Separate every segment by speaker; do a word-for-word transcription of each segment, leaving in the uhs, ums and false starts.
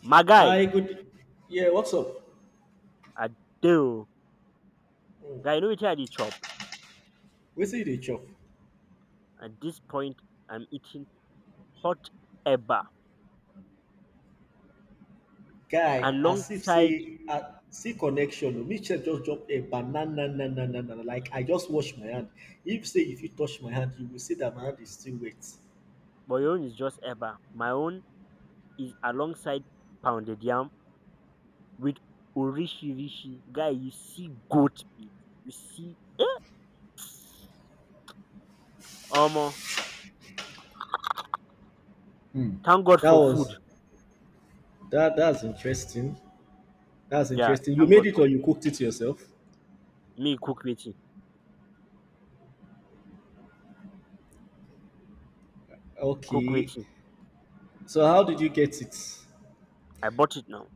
Speaker 1: My guy,
Speaker 2: I good. Yeah, what's up?
Speaker 1: Adeo,
Speaker 2: Mm.
Speaker 1: guy, you know wetin I dey chop?
Speaker 2: Wetin you dey chop?
Speaker 1: At this point, I'm eating hot eba
Speaker 2: Guy, as if
Speaker 1: alongside,
Speaker 2: say, uh, see connection. Oh, me check. Just drop a banana, na, na, na, na, na. Like I just wash my hand. If say if you touch my hand, you will see that my hand is still wet.
Speaker 1: but your own is just eba. My own is alongside pounded yam with orishirishi. Guy, you see goat meat, you see omo. Thank God
Speaker 2: That
Speaker 1: for food.
Speaker 2: was that. That's interesting. That's
Speaker 1: Yeah,
Speaker 2: interesting. You
Speaker 1: thank
Speaker 2: made
Speaker 1: God
Speaker 2: it
Speaker 1: for
Speaker 2: or you
Speaker 1: food.
Speaker 2: cooked it yourself?
Speaker 1: Me cook waiting, cook
Speaker 2: Okay.
Speaker 1: waiting.
Speaker 2: So how did you get it?
Speaker 1: I bought it now.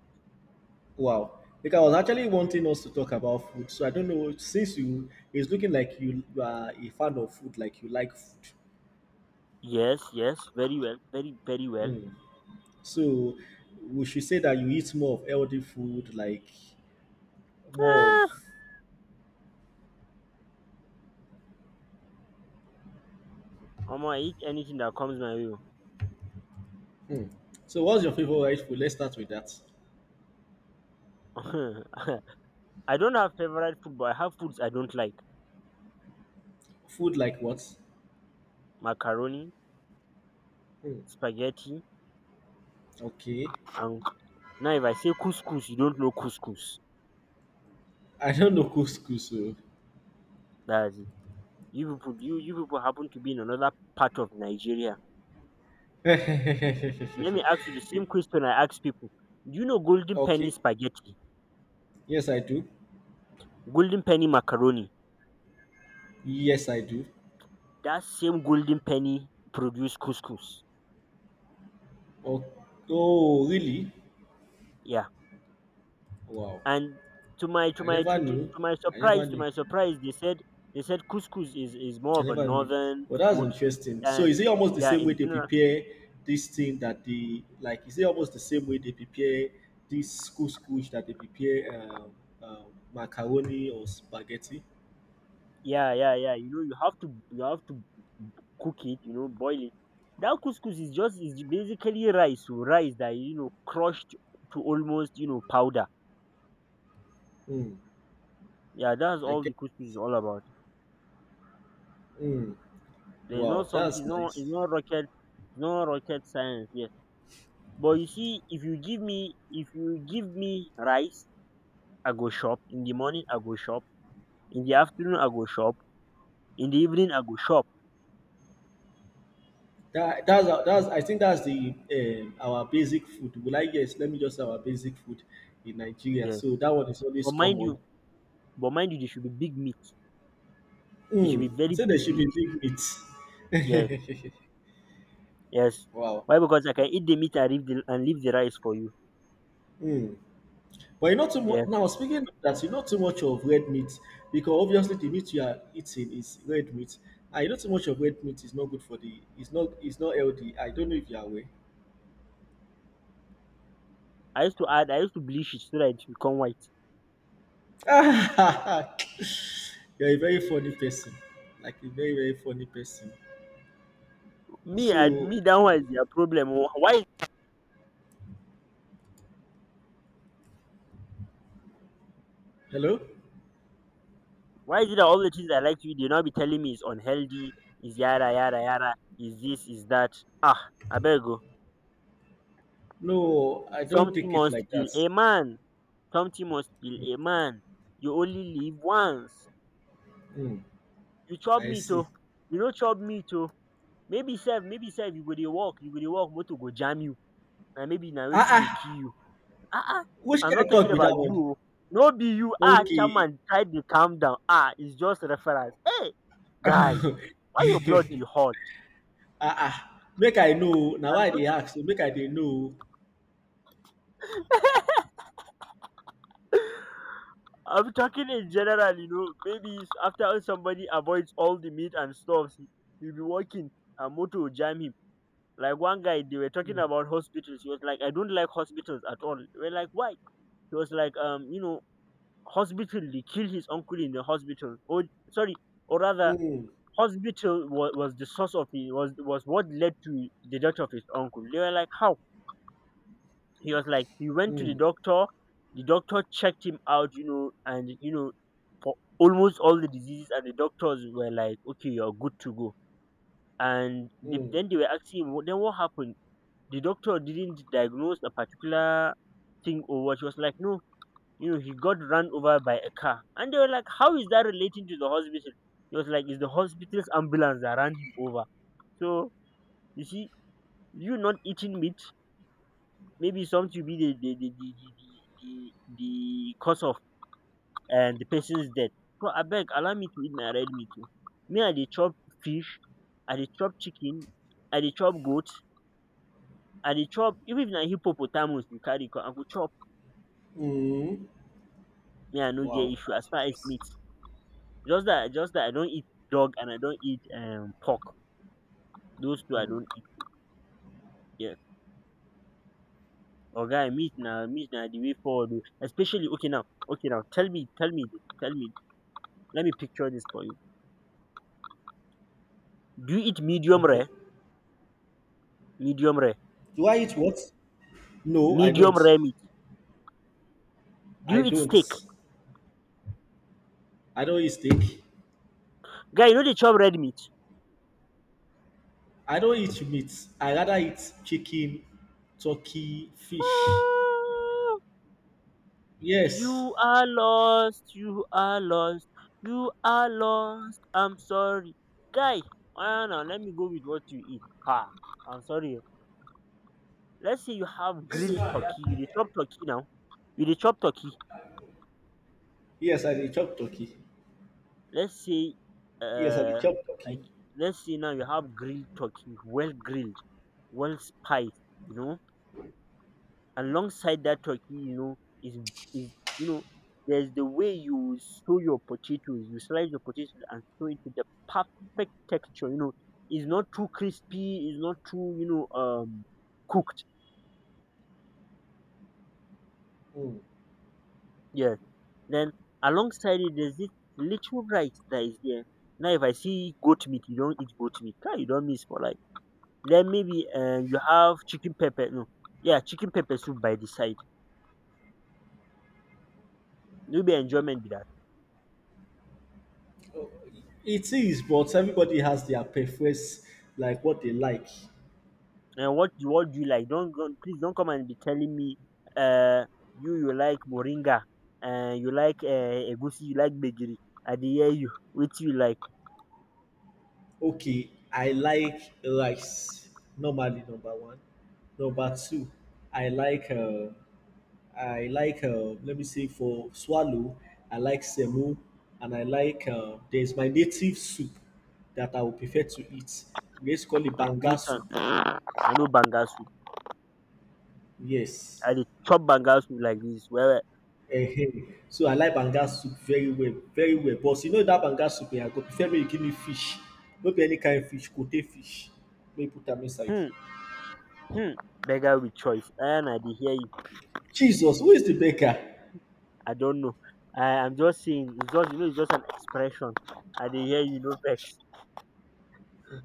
Speaker 2: Wow. Because I was actually wanting us to talk about food. So I don't know. Since you, it's looking like you, you are a fan of food, like you like food.
Speaker 1: Yes, yes, very well, very, very well.
Speaker 2: So we should say that you eat more of healthy food, like more of.
Speaker 1: Ah, omo, I eat anything that comes my way.
Speaker 2: So what's your favorite food? Let's start with that.
Speaker 1: Oh. I don't have favorite food, but I have foods I don't like:
Speaker 2: Food like what?
Speaker 1: macaroni, spaghetti,
Speaker 2: Okay.
Speaker 1: and now if I say couscous, you don't know couscous.
Speaker 2: I don't know couscous. So.
Speaker 1: That's it. You people, you you people happen to be in another part of Nigeria. Let me ask you the same question I ask people: Do you know golden penny
Speaker 2: Okay.
Speaker 1: spaghetti,
Speaker 2: Yes, I do.
Speaker 1: golden penny macaroni?
Speaker 2: Yes, I do.
Speaker 1: That same golden penny produce couscous.
Speaker 2: Oh, oh, really?
Speaker 1: Yeah.
Speaker 2: Wow.
Speaker 1: And to my to
Speaker 2: I
Speaker 1: my
Speaker 2: never
Speaker 1: to, to,
Speaker 2: knew.
Speaker 1: to my
Speaker 2: I never
Speaker 1: surprise to
Speaker 2: knew.
Speaker 1: my surprise they said they said couscous is is more
Speaker 2: I
Speaker 1: of a
Speaker 2: never knew,
Speaker 1: northern
Speaker 2: but that's
Speaker 1: food
Speaker 2: interesting. So
Speaker 1: and
Speaker 2: is it almost the
Speaker 1: yeah
Speaker 2: same way
Speaker 1: in
Speaker 2: they
Speaker 1: general.
Speaker 2: prepare this thing that they like? Is it almost the same way they prepare this couscous couscous that they prepare um, um, macaroni or spaghetti?
Speaker 1: Yeah, yeah, yeah, you know you have to you have to cook it, you know, boil it. That couscous is just is basically rice, so rice that, you know, crushed to almost, you know, powder.
Speaker 2: Hmm.
Speaker 1: Yeah, that's
Speaker 2: I
Speaker 1: all
Speaker 2: get.
Speaker 1: the couscous is all about.
Speaker 2: Mm,
Speaker 1: There's
Speaker 2: wow,
Speaker 1: not something.
Speaker 2: that's
Speaker 1: No,
Speaker 2: nice.
Speaker 1: it's not rocket, it's not rocket science. Yes. But you see, if you give me if you give me rice, I go shop. In the morning I go shop, in the afternoon I go shop, in the evening I go shop.
Speaker 2: That that's that's I think that's the um, our basic food. Well, I yes, let me just say our basic food in Nigeria.
Speaker 1: Yes.
Speaker 2: So that one is always
Speaker 1: But mind you,
Speaker 2: common.
Speaker 1: but mind you they should be big meat. They should be
Speaker 2: Mm,
Speaker 1: very
Speaker 2: so there
Speaker 1: big
Speaker 2: should be
Speaker 1: meat.
Speaker 2: big
Speaker 1: Yes.
Speaker 2: meat.
Speaker 1: Yes.
Speaker 2: Wow.
Speaker 1: Why? Because I can eat the meat and leave the and leave the rice for you.
Speaker 2: Mm. But you're not too
Speaker 1: Yeah.
Speaker 2: much now. Speaking of that, you're not too much of red meat because obviously the meat you are eating is red meat. And you know too much of red meat is not good for the it's not it's not healthy. I don't know if you are aware.
Speaker 1: I used to add I used to bleach it so that it become white.
Speaker 2: You're a very funny person. Like a very, very funny person.
Speaker 1: Me and
Speaker 2: So
Speaker 1: me, that one is their problem. Wh- Why
Speaker 2: hello?
Speaker 1: why is it that all the things I like to eat they not be telling me it's unhealthy, is yada yada yada, is this, is that. Ah, I better go.
Speaker 2: No, I don't take
Speaker 1: Something
Speaker 2: it
Speaker 1: must
Speaker 2: like that.
Speaker 1: kill a man. something must kill a man. You only live once.
Speaker 2: Hmm,
Speaker 1: You chop
Speaker 2: I
Speaker 1: meat
Speaker 2: see.
Speaker 1: oh, you no chop meat oh. Maybe sef maybe sef you go dey work, you go dey work motor go jam you, and maybe na
Speaker 2: Ah
Speaker 1: wetin
Speaker 2: ah,
Speaker 1: go kill you. Ah ah.
Speaker 2: which
Speaker 1: I'm
Speaker 2: kind
Speaker 1: not
Speaker 2: of
Speaker 1: talking
Speaker 2: talk be that
Speaker 1: about you
Speaker 2: one?
Speaker 1: oh, no be you. Ah, chairman, try dey calm down. Ah, it's just reference. Hey guy,
Speaker 2: Okay.
Speaker 1: why your blood dey hot?
Speaker 2: Ah ah, make I know. Now
Speaker 1: I'm
Speaker 2: why they
Speaker 1: just
Speaker 2: ask so make I dey know.
Speaker 1: I'm talking in general, you know. Maybe it's after somebody avoids all the meat and stuffs, he will be working and motor will jam him. Like one guy, they were talking
Speaker 2: Hmm.
Speaker 1: about hospitals. He was like, I don't like hospitals at all. We're like, why? He was like, um, you know, hospital, they killed his uncle in the hospital. Oh, sorry, or rather,
Speaker 2: Mm,
Speaker 1: hospital was, was the source of it, was, was what led to the death of his uncle. They were like, how? He was like, he went to the
Speaker 2: mm,
Speaker 1: doctor, the doctor checked him out, you know, and, you know, for almost all the diseases, and the doctors were like, okay, you're good to go. And they,
Speaker 2: mm,
Speaker 1: then they were asking him, then what happened? The doctor didn't diagnose a particular thing or what. She was like, no, you know, he got run over by a car. And they were like, how is that relating to the hospital? He was like, it's the hospital's ambulance that ran him over. So, you see, you not eating meat, maybe something will be the, the, the, the, the, the, the, the cause of and the person's death. So, I beg, allow me to eat my red meat. Oh. Me, I dey chop fish, I dey chop chicken, I dey chop goat, I dey chop, even if na hippopotamus you carry, come, I go chop.
Speaker 2: mm.
Speaker 1: Me, I no get
Speaker 2: Wow,
Speaker 1: issue
Speaker 2: that's
Speaker 1: as far as
Speaker 2: interesting.
Speaker 1: meat. Just that, just that I don't eat dog and I don't eat um pork. Those two I
Speaker 2: Mm.
Speaker 1: don't eat. Yes. Oga meat now, meat now, the way forward oh. Especially okay now okay now, tell me tell me this, tell me, let me picture this for you. Do you eat medium
Speaker 2: Okay.
Speaker 1: rare? Medium rare.
Speaker 2: Do I eat what? No, I
Speaker 1: Medium
Speaker 2: don't.
Speaker 1: rare meat. Do
Speaker 2: I
Speaker 1: you eat
Speaker 2: don't.
Speaker 1: steak?
Speaker 2: I don't eat steak.
Speaker 1: Guy, you know dey chop red meat?
Speaker 2: I don't eat meat. I rather eat chicken, turkey, fish.
Speaker 1: Ah,
Speaker 2: Yes.
Speaker 1: you are lost. You are lost. You are lost. I'm sorry. Guy, ah, now let me go with what you eat. Ha, I'm sorry. Let's say you have
Speaker 2: This so,
Speaker 1: grilled
Speaker 2: guy.
Speaker 1: turkey. You dey chop turkey now. You dey chop turkey.
Speaker 2: Yes, I dey chop turkey.
Speaker 1: Let's say,
Speaker 2: Yes, I dey
Speaker 1: uh,
Speaker 2: chop turkey.
Speaker 1: I- let's say now you have grilled turkey, well grilled, well spiced, you know. Alongside that turkey, you know, is is, you know, there's the way you sew your potatoes, you slice your potatoes and sew it with the perfect texture. You know, it's not too crispy, it's not too, you know, um cooked.
Speaker 2: Mm.
Speaker 1: Yeah. Then alongside it, there's this little rice that is there. Now, if I see goat meat, you don't eat goat meat. Kai, you don't miss for life. Then maybe uh, you have chicken pepper. No, yeah, chicken pepper soup by the side. Maybe enjoyment be that.
Speaker 2: It is, but everybody has their preference, like what they like.
Speaker 1: um what do what do you like? Don't go, please don't come and be telling me um you you like moringa, um you like um egusi, you like gbegiri. I dey hear you. Wetin you like?
Speaker 2: Okay, I like rice. Normally, number one. Number two, I like. Uh, I like. Uh, let me say for swallow, I like semo, and I like. Uh, there's my native soup that I would prefer to eat. We used to call it banga
Speaker 1: Which one?
Speaker 2: soup.
Speaker 1: I know bangasu.
Speaker 2: Yes.
Speaker 1: I dey chop bangasu like dis well
Speaker 2: Ehen. So I like banga soup very well, very well. But you know that banga soup, eh, I go prefer make you give me fish. No be any kind of fish, kote fish. Make you put am inside.
Speaker 1: well. um um Beggar with choice. Dat one I dey hear you.
Speaker 2: Jesus, who is the baker?
Speaker 1: I don know. I am just saying, it's just, you know, it's just an expression. I dey hear you, no vex.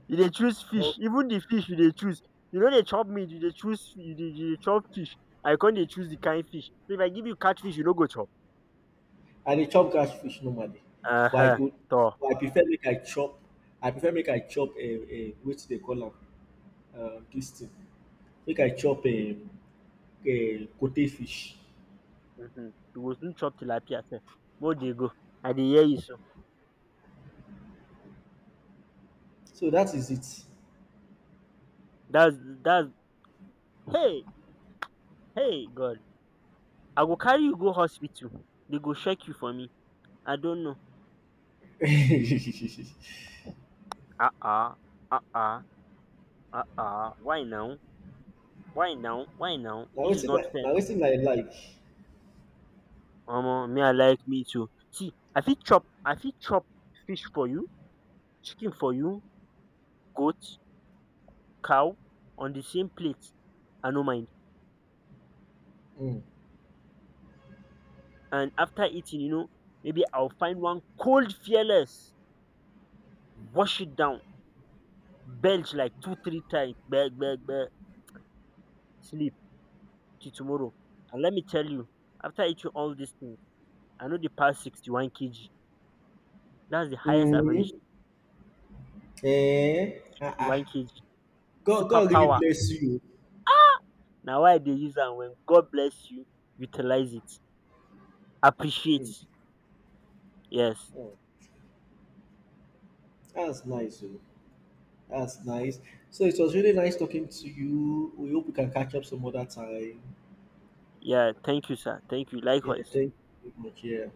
Speaker 1: You dey choose fish,
Speaker 2: Okay.
Speaker 1: even the fish you dey choose, you no dey chop meat, you dey choose, you dey you dey chop fish. I con dey choose the kind fish, so if I give you catfish you no go chop.
Speaker 2: I dey chop gas fish normally but I
Speaker 1: um
Speaker 2: go
Speaker 1: Tor,
Speaker 2: but I prefer make I chop I prefer make I chop um um wetin dey call am, um dis thing, make I chop um um cote fish.
Speaker 1: um you go soon chop tilapia sef. Mey we dey go. I dey hear you. So
Speaker 2: So that is
Speaker 1: dats dats, hey, hey God, I go carry you go hospital, dey go check you for me. I don't know.
Speaker 2: it.
Speaker 1: Ah ah, ah ah, ah ah. why now why now why now,
Speaker 2: Na
Speaker 1: dis is
Speaker 2: wetin I
Speaker 1: not fair
Speaker 2: na
Speaker 1: now.
Speaker 2: wetin I like.
Speaker 1: Omo, me I like, me too. See, I fit chop I fit chop fish for you, chicken for you, goat, cow on the same plate. I no mind.
Speaker 2: um
Speaker 1: And after eating, you know, maybe I will find one cold fearless, wash it down, belch like two three times gbege, sleep till tomorrow. And let me tell you, after eating all dis thing, I know the past sixty-one k g. That's the highest
Speaker 2: um
Speaker 1: average
Speaker 2: um Ah.
Speaker 1: sixty one
Speaker 2: Ah.
Speaker 1: kg
Speaker 2: God, God really
Speaker 1: superpower.
Speaker 2: bless you
Speaker 1: Now why they use and when God bless you, utilize it.
Speaker 2: oo. um
Speaker 1: Appreciate. Yes.
Speaker 2: um Nice oo, dats nice. So it was really nice talking to you. We hope we can catch up some other time.
Speaker 1: Yeah, thank you sir, thank you.
Speaker 2: Ele
Speaker 1: Likewise.
Speaker 2: tem que é.